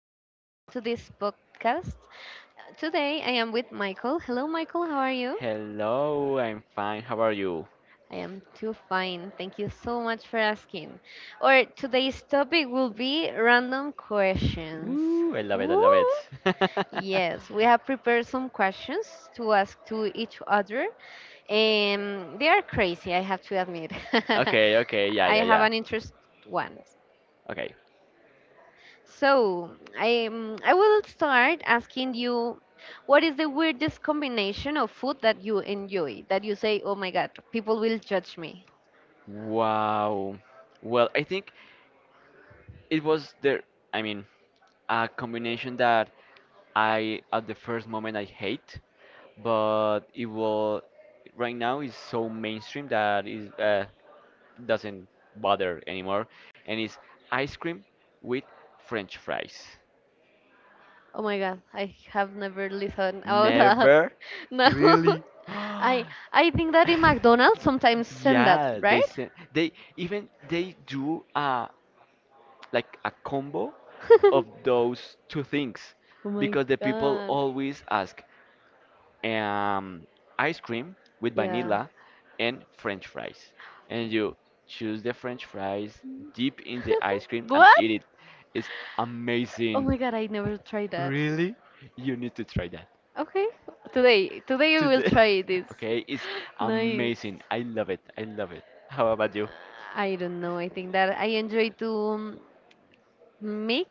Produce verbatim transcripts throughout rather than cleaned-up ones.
Listening to this podcast. Today, I am with Michael. Hello, Michael. How are you? Hello, I'm fine. How are you? I am too fine. Thank you so much for asking. Or today's topic will be random questions. Ooh, I love it. I Woo! love it. Yes, we have prepared some questions to ask to each other. Um, they are crazy, I have to admit. Okay, okay, yeah, I yeah, have yeah. an interest one. Okay. So, I um, I will start asking you what is the weirdest combination of food that you enjoy that you say, "Oh my God, people will judge me." Wow. Well, I think it was the, I mean, a combination that I at the first moment I hate, but it will right now is so mainstream that it uh, doesn't bother anymore, and it's ice cream with French fries. Oh my God, I have never listened about that. Never, No. really. I I think that in McDonald's sometimes send that, Yeah, they right? send they even they do uh like a combo of those two things Oh my because the people God. always ask um ice cream with Yeah. vanilla and French fries. And you choose the French fries dip in the ice cream and What? eat it. It's Oh amazing. my God, I never tried that. Really? You need to try that Okay, today today we will today. try this. Okay, it's Nice. amazing. I love it. I love it. How about you? I don't know. I think that I enjoy to um, mix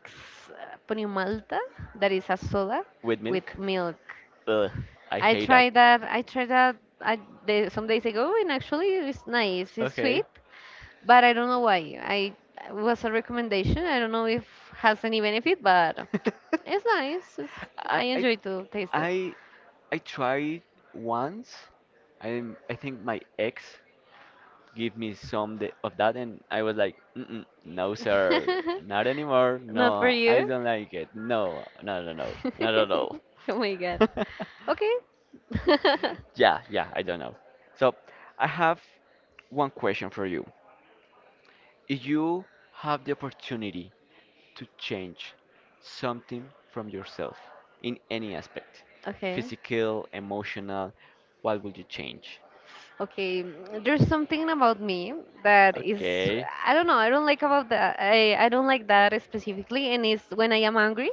uh, ponimalta, that is a soda, With with milk? milk. Ugh, I I hate that. tried that. I tried that I, day- some days ago, and actually it's nice. It's Okay. sweet, but I don't know why. I it was a recommendation. I don't know if has any benefit, but it's nice. It's, I I I enjoy to taste it. I I tried once. I I think my ex gave me some the- of that, and I was like, mm-mm, no, sir, not anymore. Not for No, I you. don't like it. No, no, no, no, not at all. Oh my god. Okay. Yeah, yeah, I don't know. So I have one question for you. If you have the opportunity to change something from yourself in any aspect, Okay. physical, emotional? What would you change? Okay. mm, There's something about me that is, Okay, I don't know. I don't like about that. I I don't like that specifically, and it's when I am angry.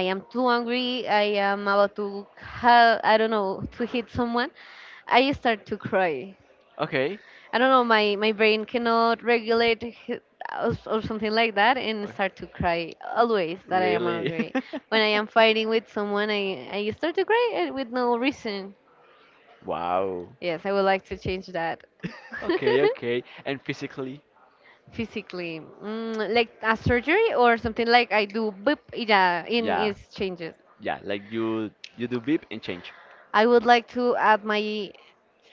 I am too angry. I am about to ha- I don't know to hit someone. I start to cry. okay, I don't know, my, my brain cannot regulate h- or, s- or something like that and uh, start to cry always that I am really? angry. When I am fighting with someone, I, I start to cry and with no reason. Wow. Yes, I would like to change that. Okay, okay. And physically? Physically, mm, like a surgery or something like I do, boop, yeah, in Yeah, it changes. yeah, like you you do beep and change. I would like to add my,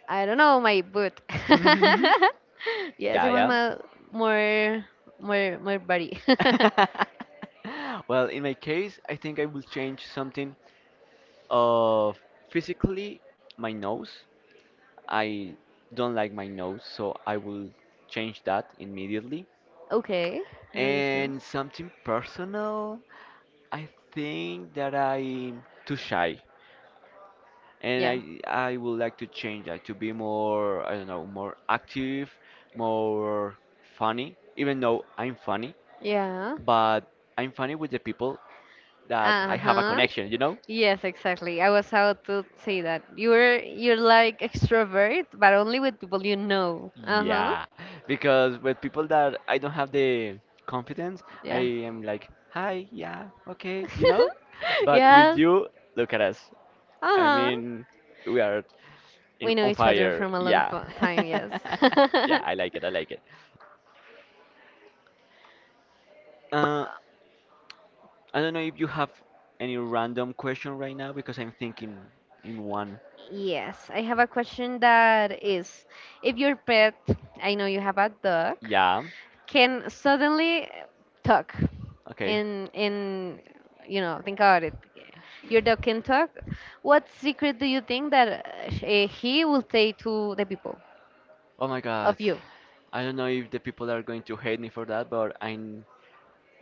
I don't know, my boot. Mhm. Yes, Yeah, I want yeah. my more, more, more body. Well, in my case, I think I will change something of physically my nose. I don't like my nose, so I will change that immediately. Okay, I understand. And something personal, I think that I'm too shy, and Yeah. I I would like to change that to be more, I don't know, more active, more funny. Even though I'm funny, Yeah. but I'm funny with the people that I have a Uh-huh. connection, you know. Yes, exactly. I was about to say that. You're you're like extrovert, but only with people you know. Uh-huh. Yeah, because with people that I don't have the confidence, Yeah. I am like, hi, yeah, okay, you know? But with Yes. you, look at us. I Uh-huh. mean, we are in, We know on each other fire. from a long Yeah. co- time, yes. Yeah, I like it. I like it. Uh, I don't know if you have any random question right now because I'm thinking in one. Yes, I have a question that is, if your pet, I know you have a dog, Yeah. can suddenly talk Okay. and and you know think about it, your dog can talk, what secret do you think that uh, sh- eh, he will say to the people Oh my God. of you? I don't know if the people are going to hate me for that, but I,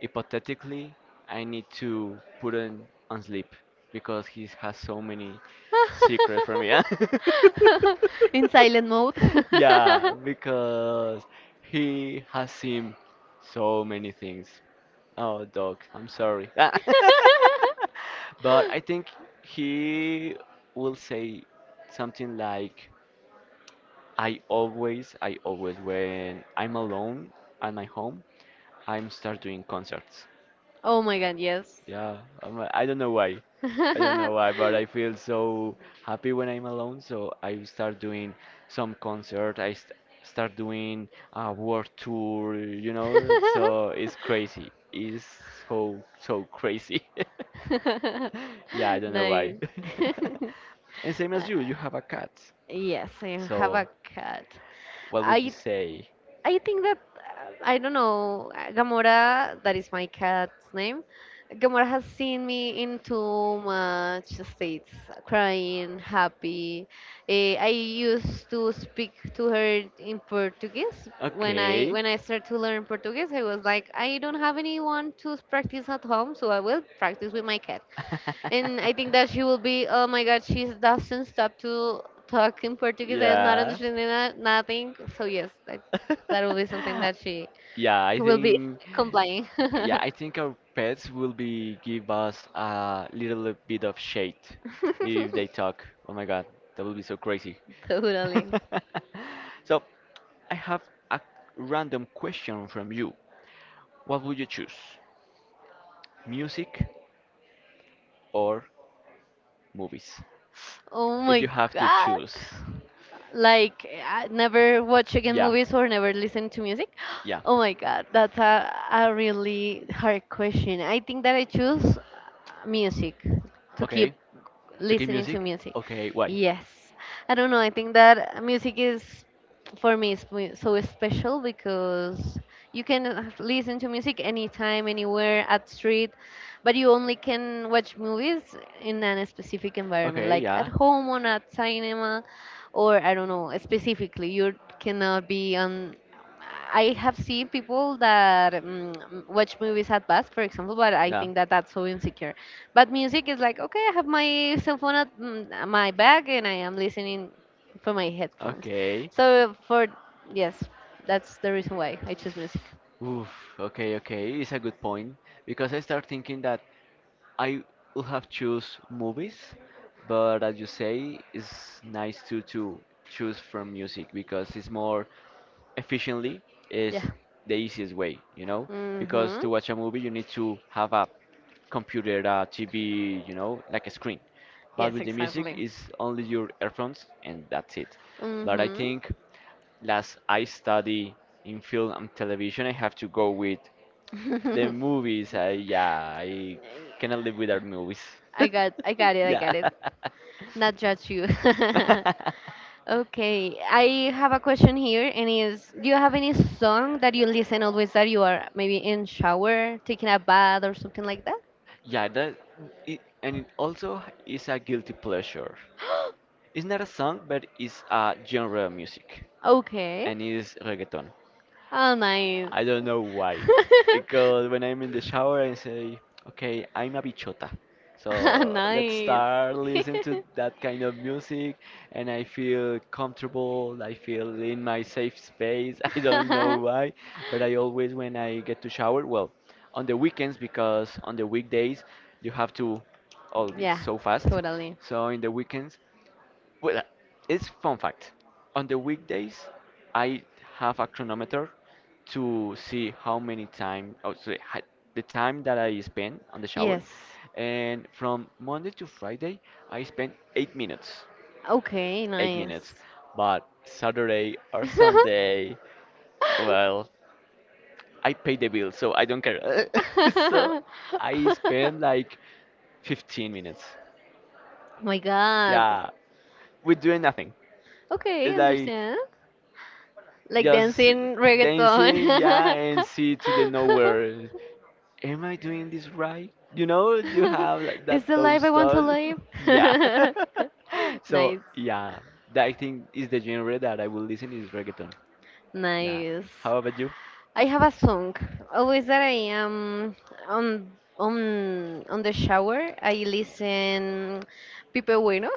hypothetically, I need to put him on sleep because he has so many secrets from me. In silent mode. Yeah, because he has seen so many things. Oh, dog, I'm sorry. But I think he will say something like, I always, I always, when I'm alone at my home, I'm start doing concerts. Oh my god, yes. Yeah, I'm, a- I don't know why. I don't know why, but I feel so happy when I'm alone. So I start doing some concert. I st start doing a world tour, you know. So it's crazy. It's so so crazy. Yeah, I don't know why. Nice. And same as you, you Uh, have a cat. Yes, I have a So cat. what would you I say? I think that uh, I don't know, uh, Gamora. That is my cat's name. Gamora has seen me in too much states, crying, happy. Eh, I used to speak to her in Portuguese. When I Okay. when I started to learn Portuguese, I was like, I don't have anyone to practice at home, so I will practice with my cat. And I think that she will be, oh my god, she doesn't stop to talk in Portuguese. I'm not Yeah. understanding that, nothing. So yes, that, that, will be something that she yeah, I will be think complying. yeah, I think our pets will be give us a little bit of shade if they talk. Oh my God, that will be so crazy. Totally. So I have a random question from you. What would you choose, music or movies? Oh If you my have to god. choose, Like I never watch again yeah, movies or never listen to music. yeah. Oh my god, that's a, a really hard question. I think that I choose music to Okay, keep to keep listening music. to music. Okay, why? Yes. I don't know. I think that music is, for me, it's mu- so special because you can uh, listen to music anytime anywhere at street, but you only can watch movies in a specific environment Okay, like at yeah. home or at cinema or I don't know specifically you cannot be on. I have seen people that um, watch movies at bus, for example, but I Yeah. think that that's so insecure. But music is like, okay, I have my cell phone at mm, my bag and I am listening for my headphones. Okay. So for yes, that's the reason why I choose music. Oof. Okay. Okay. It's a good point because I start thinking that I would have choose movies, but as you say, it's nice to to choose from music because it's more efficiently is Yeah. the easiest way, you know. Because Mhm. to watch a movie, you need to have a computer, a T V, you know, like a screen. But Yes, with the music, exactly. it's only your earphones and that's it. But I Mhm. think last I study in film and television, I have to go with the movies. I, yeah, I cannot live without movies. I got I got it, I Yeah. got it. Not judge you. Okay, I have a question here, and is, do you have any song that you listen always that you are maybe in shower, taking a bath, or something like that? Yeah, that it, and it also is a guilty pleasure. It's not a song, but it's a genre of music, Okay. and it's reggaeton. Oh, nice. I don't know why. Because when I'm in the shower, I say, okay, I'm a bichota. So let's Nice. start listening to that kind of music, and I feel comfortable. I feel in my safe space. I don't know why, but I always, when I get to shower, well, on the weekends, because on the weekdays, you have to all this Yeah, so fast. totally. So in the weekends, well, uh, it's fun fact. On the weekdays, I have a chronometer to see how many time, oh, sorry, hi- the time that I spend on the shower. Yes. And from Monday to Friday, I spend eight minutes. Okay, Eight minutes. nice. But Saturday or Sunday, Oh well, I pay the bill, so I don't care. So I spend like fifteen minutes. my god. Yeah, we're doing nothing. Okay, It's like understand. Like just dancing dancing, yeah, reggaeton. and see to the nowhere. Am I doing this right? You know, you have like This is that the life those I want to thoughts. Yeah. live. So Nice, yeah, that I think is the genre that I will listen is reggaeton. Yeah. nice. How about you? I have a song. Always that I am on on on the shower, I listen Pipe Bueno.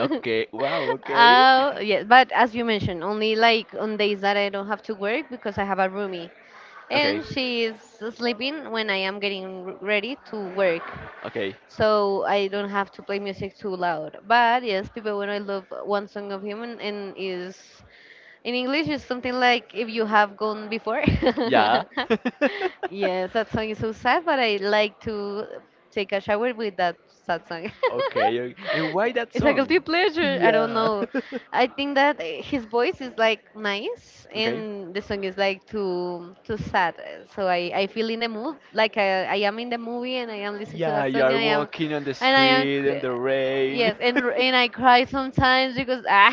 Okay. Wow. Okay. Uh, yeah, but as you mentioned, only like on days that I don't have to work because I have a roomie Okay. and she is sleeping when I am getting r- ready to work. Okay. So I don't have to play music too loud. But yes, Pipe Bueno, I love one song of him, and, and is in English, it's something like if you have gone before. Yeah. Yes, that song is so sad, but I like to take a shower with that sad song. Okay, okay. And why that It's a song? guilty pleasure. I don't Yeah. know. I think that eh, his voice is like nice, Okay. and the song is like too too sad. eh, So I, I feel in the mood, like I, I am in the movie, and I am listening to Yeah, that you song, and are I am. walking on the And I am. street in the cr- rain. Yes, and r- and I cry sometimes because— ah,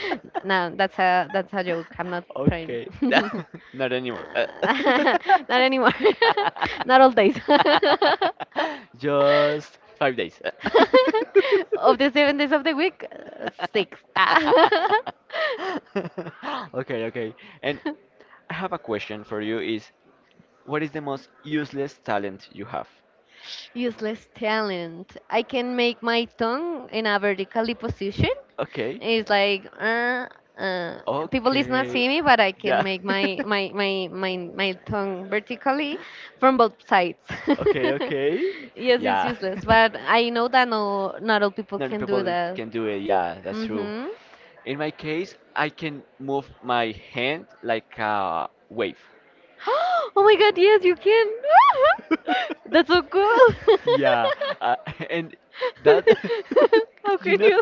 No, that's a that's a joke. I'm not crying. Okay. Not anymore. Uh, Uh, Not anymore. Not all days. Just five days. Of the seven days of the week, uh, six. Ah. Okay, okay. And I have a question for you is what is the most useless talent you have? Useless talent. I can make my tongue in a vertically position. Okay. It's like uh, uh, people is not Okay. see me, but I can Yeah. make my my my my, my tongue vertically from both sides. Okay, okay. Yes, it's Yeah. useless, but I know that no, not all people Not can do people that. can do it. Yeah, that's true. Mhm. In my case, I can move my hand like a wave. Oh my God! Yes, you can. That's so cool. Yeah, uh, and that, How you can know, you?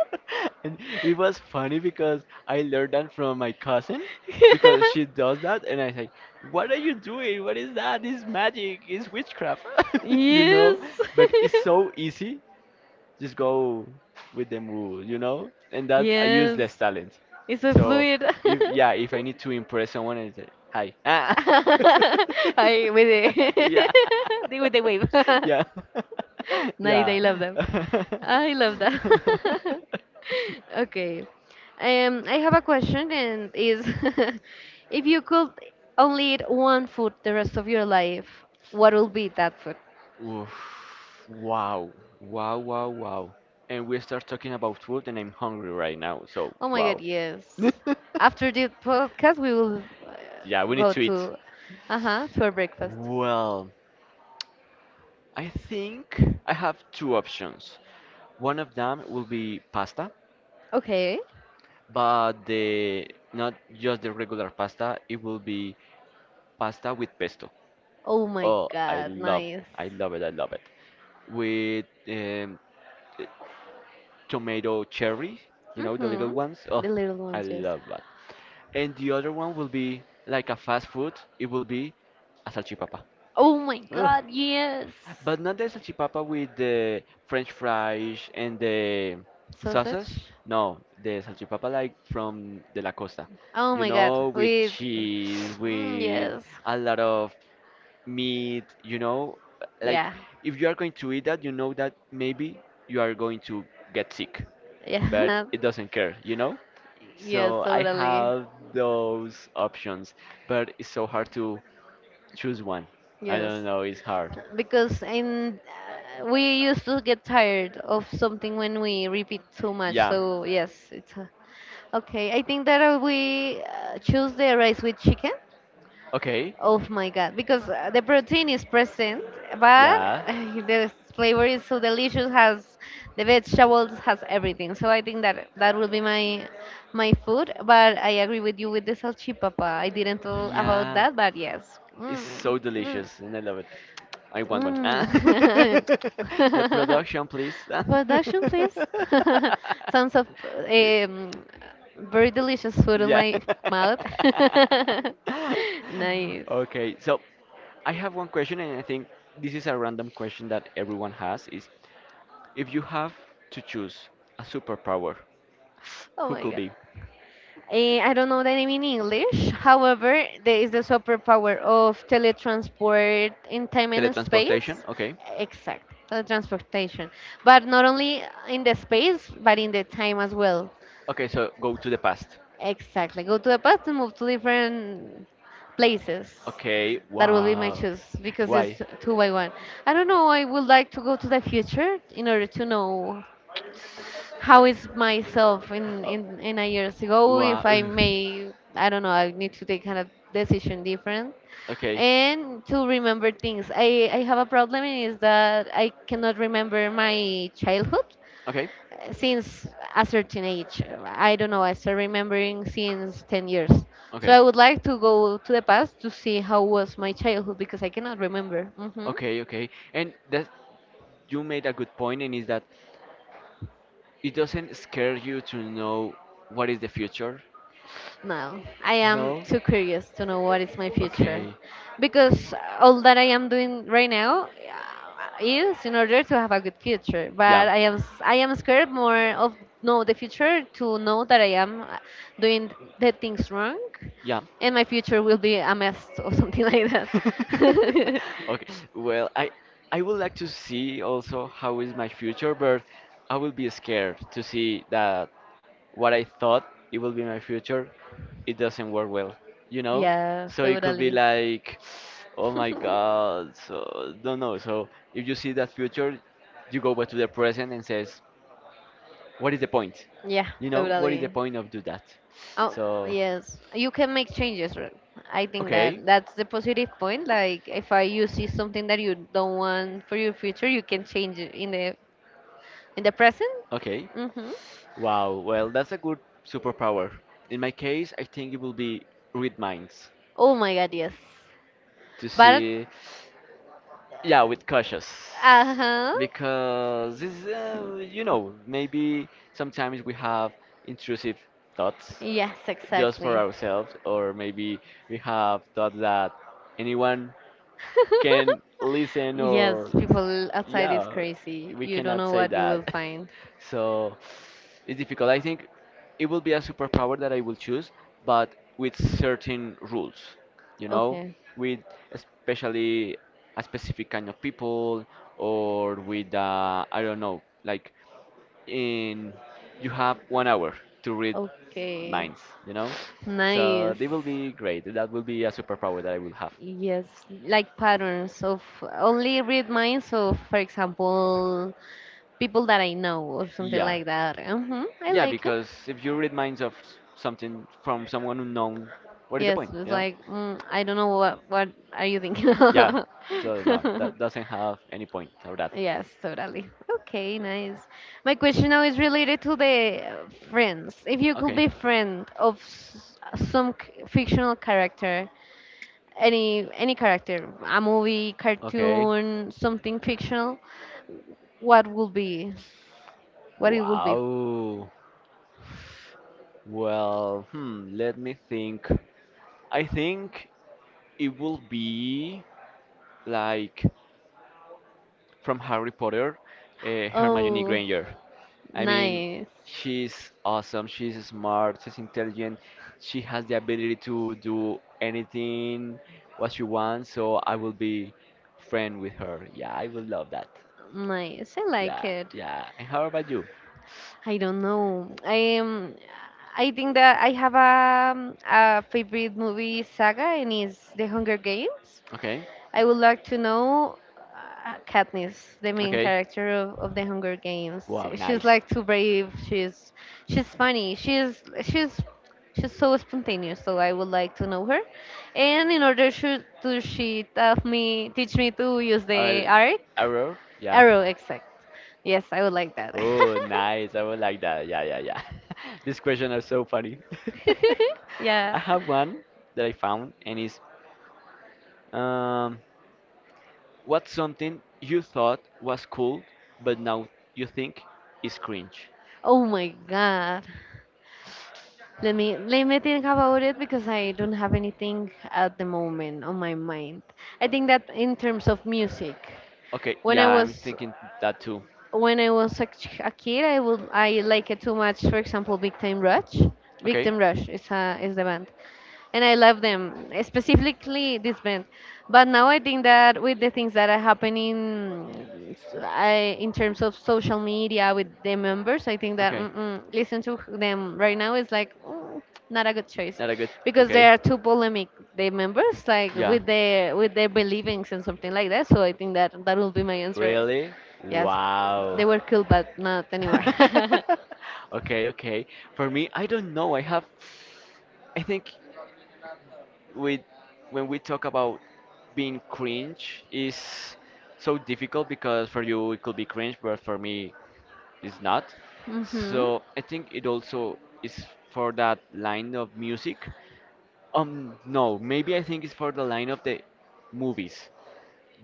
and it was funny because I learned that from my cousin because she does that, and I say, "What are you doing? What is that? It's magic. It's witchcraft." You know, Yes. but it's so easy just go with the mood, you know? And that I use Yes. less talent. It's a So fluid. if yeah, if I need to impress someone, I say hi. Ah. I with Yeah, the. They with the wave. yeah, Nice, yeah. I love them. I love that. Okay. Um, I have a question and is, if you could only eat one food the rest of your life, what will be that food? Oof. Wow, wow, wow, wow. And we start talking about food, and I'm hungry right now. So Oh my god, wow. yes. After this podcast, we will Yeah, uh, we need go to eat. to, uh huh, to our breakfast. Well, I think I have two options. One of them will be pasta, Okay. but the not just the regular pasta. It will be pasta with pesto. Oh my Oh, I god, love, nice. I love it, I love it. With um, t- tomato cherry, you know the little Mhm. ones. Oh, The little I ones, yes. love that. And the other one will be like a fast food. It will be a salchipapa. Oh my Ugh. god, yes. But not the salchipapa with the French fries and the sauces. Sausage. No, the salchipapa like from de la costa. Oh You my god, know, with with cheese, mm, with yes, a lot of meat, you know. Like, yeah, if you are going to eat that, you know that maybe you are going to get sick, but yeah. it doesn't care, you know? Yes, So I totally. have those options, but it's so hard to choose one. I don't Yes. know, it's hard. Because in uh, we used to get tired of something when we repeat so much. Yeah. So yes, it's a, okay. I think that uh, we uh, choose the rice with chicken. Okay. Oh my god, because uh, the protein is present, but Yeah. uh, the flavor is so delicious. Has the vegetables, has everything. So I think that that will be my my food. But I agree with you with the salchipapa. I didn't tell about Yeah, that, but yes. it's Mm, so mm. delicious, and I love it. I want one. Ah. Mm. Uh, Production, please. Ah. Production, please. Sounds of um, very delicious food on Yeah. my mouth. Nice. Okay, so I have one question, and I think this is a random question that everyone has, is if you have to choose a superpower, Oh who my could God. be? Eh, I don't know the name in English. However, there is the superpower of teletransport in time and Teletransportation, space. okay. Exact. Teletransportation. But not only in the space, but in the time as well. Okay, so go to the past. Exactly. Go to the past and move to different places. Okay, That will be my wow. choice because it's Why? two by one. I don't know. I would like to go to the future in order to know how is myself in Uh, in in a years ago. wow. If I Ugh. may, I don't know. I need to take kind of decision different Okay, and to remember things. I I have a problem is that I cannot remember my childhood okay, since a certain age. I don't know, I start remembering since ten years. So okay, I would like to go to the past to see how was my childhood because I cannot remember. hmm okay, okay. And that you made a good point, and is that it doesn't scare you to know what is the future. No, I am No. too curious to know what is my future Okay. because all that I am doing right now uh, is in order to have a good future. Yeah. But I am s- I am scared more of know the future to know that I am uh, doing the things wrong Yeah. and my future will be a mess or something like that. Okay. Well, I I would like to see also how is my future, but I will be scared to see that what I thought it will be my future, it doesn't work well. You know. Yeah, So it could be totally. like, oh my God. So don't know. So if you see that future, you go back to the present and says, what is the point? Yeah, You know, what is totally. the point of do that? Oh, So, yes. You can make changes. Right? I think okay, that that's the positive point. Like if I you see something that you don't want for your future, you can change it in the in the present. okay. Mhm. Wow, well, that's a good superpower. In my case, I think it will be read minds Oh my god, yes. to But, see, yeah, with cautious. uh-huh. Because, this, uh, you know, maybe sometimes we have intrusive thoughts Yes, just for exactly. ourselves, or maybe we have thoughts that anyone can listen, Yes, or, people outside is yeah, crazy. we You don't cannot know say what you that. will find. So it's difficult. I think it will be a superpower that I will choose, but with certain rules, you know, Okay. with especially a specific kind of people or with, uh, I don't know, like in you have one hour to read Okay. minds, you know. So Nice. they will be great. That will be a superpower that I will have. Yes, like patterns of only read minds of, for example, people that I know or something Yeah, like that. hmm I yeah, like it. because if you read minds of s- something from someone unknown, what is the Yes, point, it's you know? like mm, I don't know what what are you thinking. Yeah. So no, that doesn't have any point or that. Yes, totally. Okay, nice. My question now is related to the uh, friends. If you could Okay. be friend of s- some c- fictional character, any any character, a movie, Okay. cartoon, something fictional, what would be? What it would be? Wow. Well, hmm, let me think. I think it will be like from Harry Potter, uh, Hermione Oh, Granger. I mean, nice, she's awesome, she's smart, she's intelligent, she has the ability to do anything what she wants, so I will be friend with her. Yeah, I will love that. nice. I Yeah, like it. yeah. And how about you? I don't know. I am. I think that I have a, a favorite movie saga, and it's The Hunger Games. Okay. I would like to know uh, Katniss, the main Okay. character of, of the Hunger Games. Wow. She's Nice. like too brave. She's she's funny. She's she's she's so spontaneous. So I would like to know her. And in order to to she taught me teach me to use Uh, the arc Aurora. Yeah. arrow exact. Yes, I would like that. Oh, nice. I would like that. Yeah. Yeah. Yeah. These questions are so funny. Yeah. I have one that I found, and is um, what's something you thought was cool, but now you think is cringe. Oh my god. Let me let me think about it because I don't have anything at the moment on my mind. I think that in terms of music, Okay. when Yeah. I I'm was thinking that too. when I was a, ch- a kid, I would I like it too much. For example, Big Time Rush. Big Okay. Time Rush is a is the band, and I love them specifically this band. But now I think that with the things that are happening, I, in terms of social media with the members, I think that Okay. mm-mm, listen to them right now is like. Mm, not a good choice Not a good. because they Okay. are too polemic the members like Yeah. with their with their believings and something like that, so I think that that will be my answer. Really? Yes, they Wow. were cool, but not anymore. Okay, okay. For me, I don't know. I have, I think with when we talk about being cringe is so difficult because for you it could be cringe, but for me it's not. Hmm. So I think it also is for that line of music. Um, no, maybe I think it's for the line of the movies.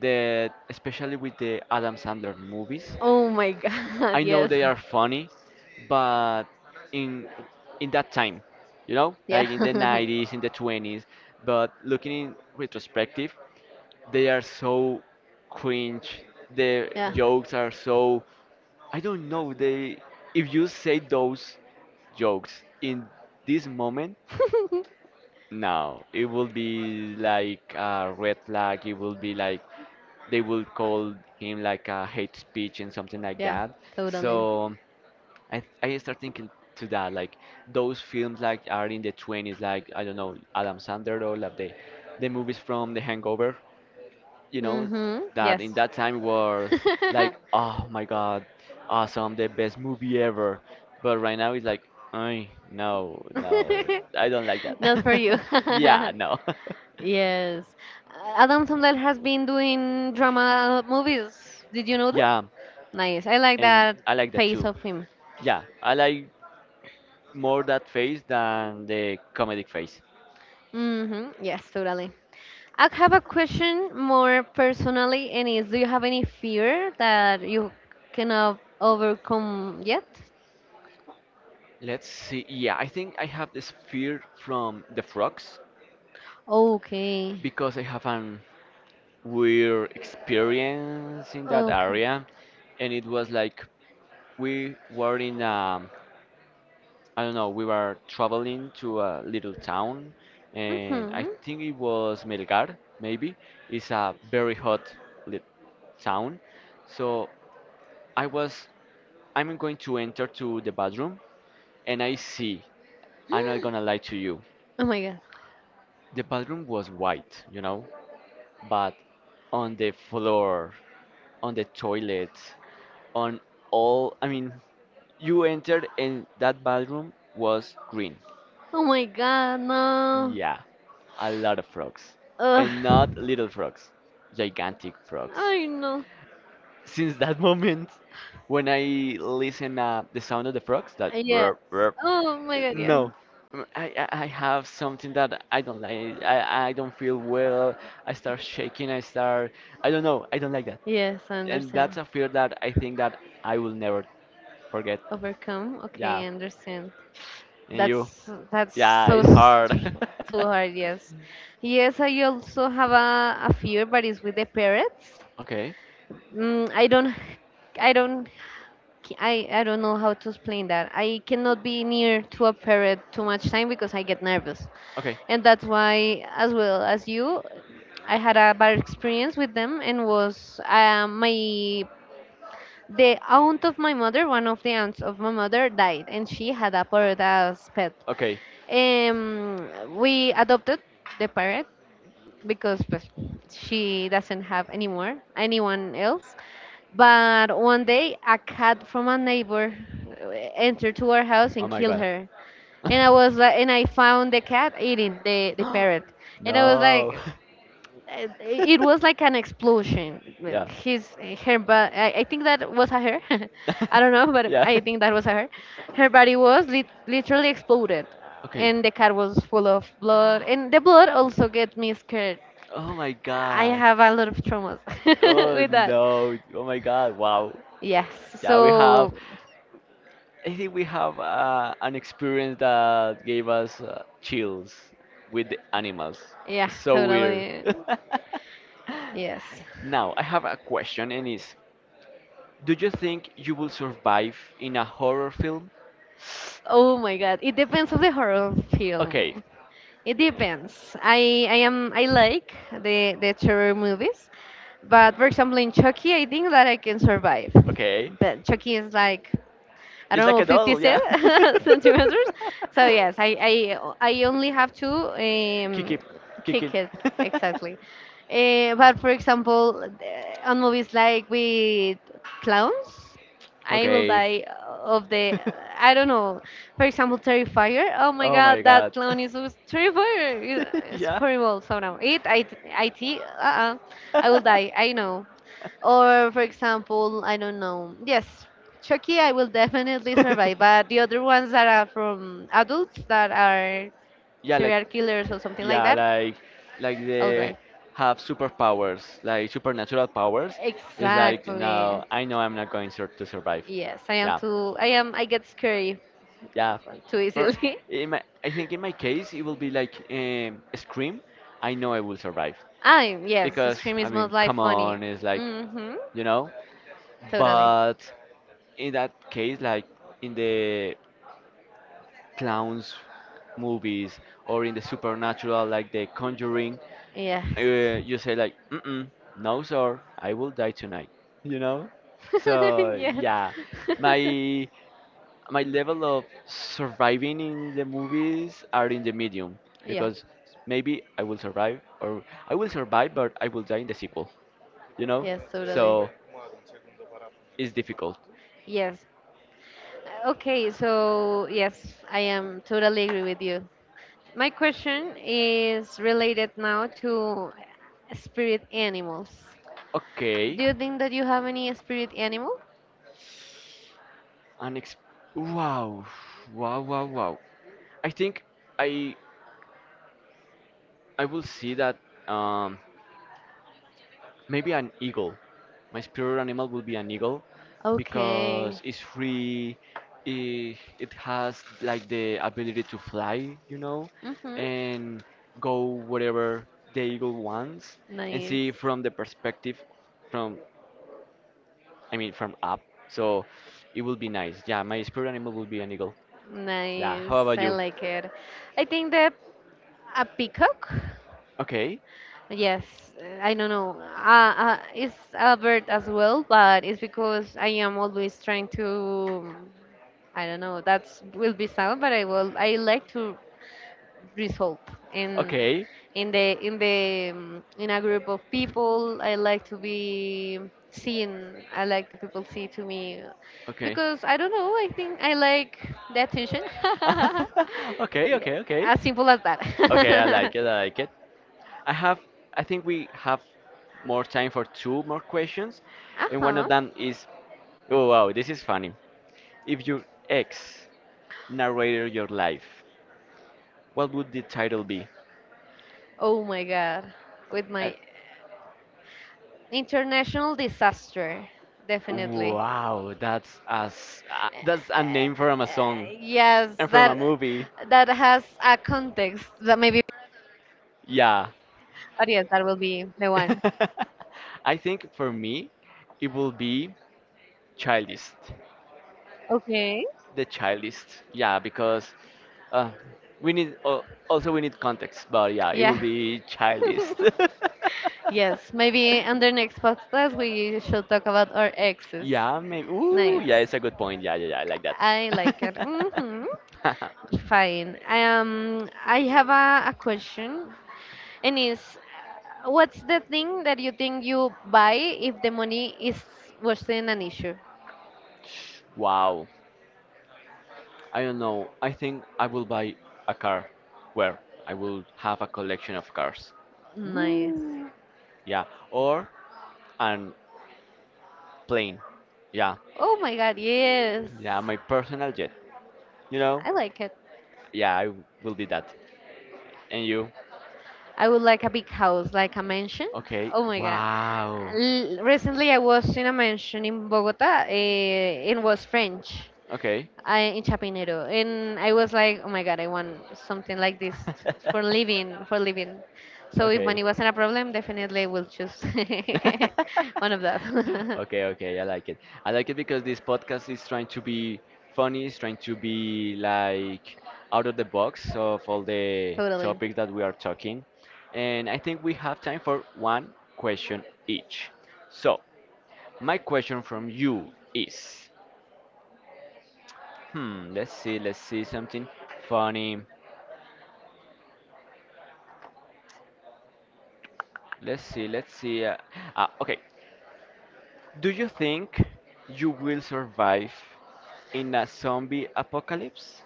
The Especially with the Adam Sandler movies, Oh my god, I know yes. they are funny, but in in that time, you know, Yeah. like in the nineties, in the twenties. But looking in retrospective, they are so cringe. The Yeah. jokes are so, I don't know. They If you say those jokes in this moment, no, it will be like a red flag. It will be like they will call him like a hate speech and something like Yeah, that. totally. So, I I start thinking to that, like those films like are in the twenties, like I don't know, Adam Sandler, or like the the movies from The Hangover, you know, Hmm. that Yes. in that time was like, oh my god, awesome, the best movie ever, but right now it's like, I no, no, I don't like that. Not for you. Yeah, no. Yes. Adam Sandler has been doing drama movies. Did you know that? Yeah, Nice. I like and that I like that face too. of him. Yeah, I like more that face than the comedic face. Hmm. Yes, totally. I have a question more personally, and is do you have any fear that you cannot overcome yet? Let's see. Yeah, I think I have this fear from the frogs Okay. because I have an weird experience in that Okay. area, and it was like, we were in um I don't know, we were traveling to a little town, and I Mm-hmm. think it was Melgar maybe. It's a very hot lit town, so I was, I'm going to enter to the bathroom, and I see, I'm not gonna lie to you, Oh my god. the bathroom was white, you know, but on the floor, on the toilet, on all. I mean, you entered and that bathroom was green. Oh my god, no. Yeah, a lot of frogs. Ugh. And not little frogs, gigantic frogs. I know. Since that moment, when I listen uh, the sound of the frogs, that Yes. burp, burp, Oh my god, yes. no. Mm, I, I I have something that I don't like. I, I don't feel well. I start shaking. I start. I don't know. I don't like, Yes, I and understand. that's a fear that I think that I will never forget. Overcome. Yeah, Okay, I understand. and you. That's that's Yeah, so it's s- hard. too hard. Yes, yes. I also have a, a fear, but it's with the parrots. Okay, Mm, I don't, I don't, I I don't know how to explain that. I cannot be near to a parrot too much time because I get nervous, okay, and that's why, as well as you, I had a bad experience with them and was uh, my the aunt of my mother, one of the aunts of my mother, died, and she had a parrot as pet. okay. Um, we adopted the parrot because pues, she doesn't have anymore anyone else. But one day, a cat from a neighbor uh, entered to our house and Oh my killed god. her. And I was like, and I found the cat eating the the parrot. And I was No. like, uh, it was like an explosion. Well, Yeah. His her, but I, I think that was a her. I don't know, but Yeah. I think that was a her. Her body was lit literally exploded, Okay. and the car was full of blood. And the blood also get me scared. Oh my I god. have a lot of traumas Oh with that. no. Oh my god. Wow. Yes. Yeah, we have. So, I think we have uh, an experience that gave us uh, chills with the animals. yeah, It's so weird. totally. Yes. Now I have a question, and is, do you think you will survive in a horror film? Oh my god, it depends on the horror Okay, film. It depends. I I am I like the the terror movies, but for example in Chucky, I think that I can survive. okay. But Chucky is like I It's don't like know, a fifty doll, yeah. ce- centimeters. So yes, I I I only have to um, Kicking, kicking. kick it exactly. Eh, but for example, eh, on movies like with clowns, I will Okay. die of the. I don't know. For example, Terrifier. Oh my Oh my God, that god. clown is so terrifying. It's Yeah. horrible. So now, it, it, it. Uh, uh I will die. I know. Or for example, I don't know. Yes, Chucky, I will definitely survive, but the other ones that are from adults that are Yeah, like, serial killers or something like yeah, that, like like I'll they die. have superpowers, like supernatural powers. It's like, Exactly. no, I know I'm not going sur- to survive. Yes, I am Yeah, too. I am. I get scary yeah. too Or easily. in my, I think in my case it will be like um, Scream. I know I will survive I yes, the because scream I is mean, most like come funny. on, it's like Mhm. you know. Totally. But in that case, like in the clowns movies or in the supernatural, like the Conjuring, Yes. uh, you say like, mm-mm, no, sir, I will die tonight. You know. So Yes. yeah, my my level of surviving in the movies are in the medium Yeah. because maybe I will survive or I will survive, but I will die in the sequel. You know? Yes. Totally. So it's difficult. Yes. Uh, Okay. So yes, I am totally agree with you. My question is related now to spirit animals. Okay, Do you think that you have any spirit animal? and ex- wow, wow, wow, wow. I think I I will see that um, maybe an eagle. My spirit animal will be an eagle Okay. because it's free. It, it has like the ability to fly, you know, Mhm. and go wherever the eagle wants, and Nice. see from the perspective from I mean, from up. So it will be nice. Yeah, my spirit animal will be an eagle. Yeah. Nice. How about I you? like it. I think that a peacock. Okay. Yes, I don't know. Uh, uh, it's a bird as well, but it's because I am always trying to. I don't know. That's will be sound, but I will. I like to result in Okay. in the in the um, in a group of people. I like to be seen. I like that people see to me, Okay. because I don't know. I think I like the attention. Okay. Yeah, Okay. Okay. as simple as Okay. I that. like it. I like it. I have. I think we have more time for two more questions, and one Uh-huh. of them is. Oh wow, this is funny. If your ex narrated your life, what would the title be? Oh my god, with Uh, my international disaster, definitely. wow, that's as uh, Uh, that's a name from a uh, uh, song yes and from a that movie. that has a context that maybe for. Yeah. Oh yes, that will be the one. I think for me, it will be childish. Okay. The childish, yeah, because uh, we need uh, also we need context, but yeah, it will Yeah. be childish. Yes. Maybe on the next podcast we should talk about our exes. Yeah, maybe. Ooh, yeah, Nice. it's a good point. Yeah, yeah, yeah, I like that. I like it. Mm-hmm. Fine. Um, I have a, a question, and is uh, what's the thing that you think you buy if the money is wasn't an issue? Wow, I don't know. I think I will buy a car where I will have a collection of cars. Nice. Ooh. Yeah, or an plane. Yeah, Oh my God. Yes. yeah, my personal jet. You know? I like it. Yeah, I w- will be that. And you? I would like a big house, like a mansion. Okay. Oh my God. Wow. L- recently, I was in a mansion in Bogota. eh, it was French, Okay. I, in Chapinero, and I was like, oh my God, I want something like this for living, for living. So if Okay. money wasn't a problem, definitely I will choose one of that. Okay, okay. I like it. I like it because this podcast is trying to be funny, it's trying to be like out of the box of all the Totally. topics that we are talking. And I think we have time for one question each. So, my question from you is, hmm, let's see, let's see something funny. Let's see, let's see. Uh, uh, okay, do you think you will survive in a zombie apocalypse?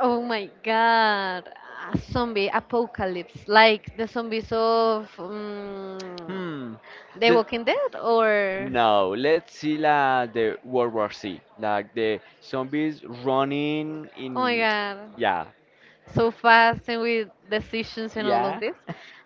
Oh my god. A zombie apocalypse. Like the zombies of um, Hmm. The The, Walking Dead or. no, let's see la the World War C, like the zombies running Oh my in. god, Yeah, so fast and with decisions and all yeah. of this.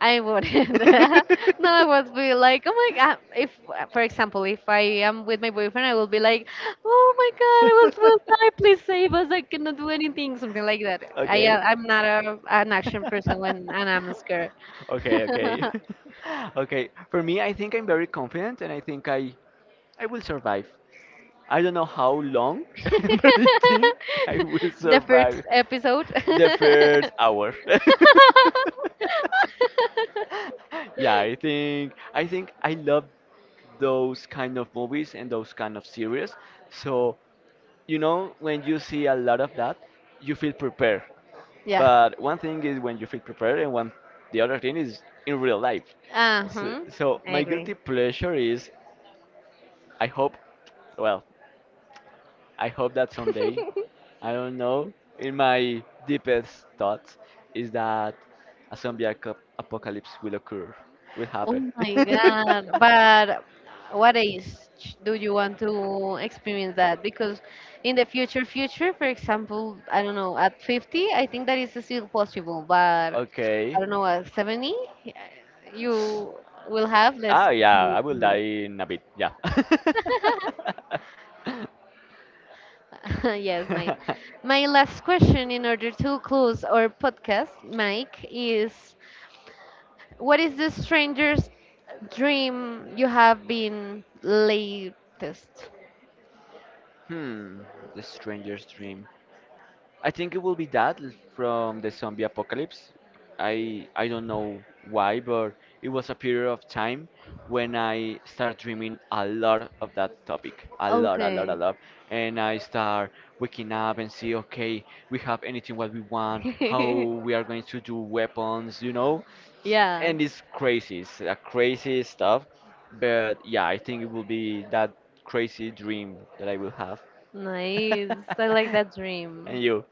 I wouldn't. No, I would be like, oh my god. If, for example, if I am with my boyfriend, I will be like, oh my god, I will, so die. Please save us. I cannot do anything. Something like that. I, Okay. uh, I'm not a, an action person when and I'm scared. Okay, okay. Okay. For me, I think I'm very confident and I think I I will survive. I don't know how long, but I think I will The first survive episode. the first hour. Yeah, I think I think I love those kind of movies and those kind of series. So, you know, when you see a lot of that, you feel prepared. Yeah. But one thing is when you feel prepared and one the other thing is in real life. Uh-huh. So I my agree. guilty pleasure is, I hope well, I hope that someday, I don't know, in my deepest thoughts, is that a zombie aco- apocalypse will occur will happen. Oh my God. But what age do you want to experience that? Because in the future, future, for example, I don't know, at fifty, I think that is still possible. But I Okay. don't know, at seventy, uh, you will have less Oh yeah, opportunity I will to. die in a bit. Yeah. Yes, Mike. My last question in order to close our podcast, Mike, is what is the strangest dream you have been latest? Hmm. The stranger's dream. I think it will be that l- from the zombie apocalypse. I I don't know why, but it was a period of time when I start dreaming a lot of that topic, a lot, a lot, a Okay. lot, and I start waking up and see, okay, we have anything what we want, how we are going to do weapons, you know, Yeah, and it's crazy, it's a crazy stuff, but yeah, I think it will be that crazy dream that I will have. nice. I like that And dream. you.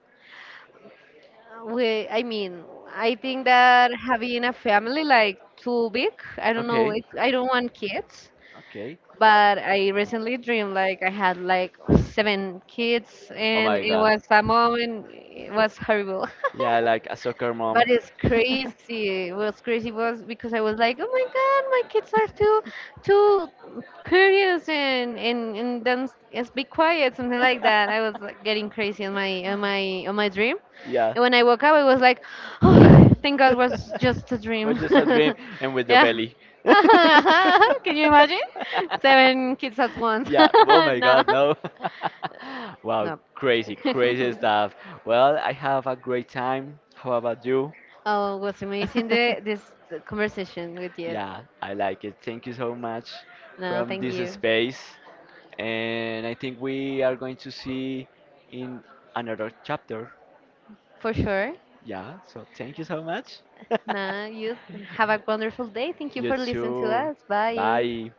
We, I mean, I think that having a family like too big, I don't know, Okay, it's, I don't want kids, okay. but I recently dreamed like I had like seven kids Oh and my it god. was a moment, it was horrible. Yeah, like a soccer But mom. it's crazy. What's crazy was because I was like, oh my god, my kids are too, too curious and and and then s- it's be quiet, something like that. I was like, getting crazy on my on my on my dream, Yeah, and when I woke up, I was like, oh, thank God, was just a dream. but just a dream and with the Yeah. belly. Can you imagine? Seven kids at once. Yeah. Oh my No, God, no. Wow, no. crazy, crazy stuff. Well, I have a great time. How about you? Oh, it was amazing the, this conversation with you. Yeah, I like it. Thank you so much No, from thank this you. space. And I think we are going to see in another chapter. For sure. Yeah, so thank you so much. No, you have a wonderful day. Thank you You for listening to too. us. Bye. Bye.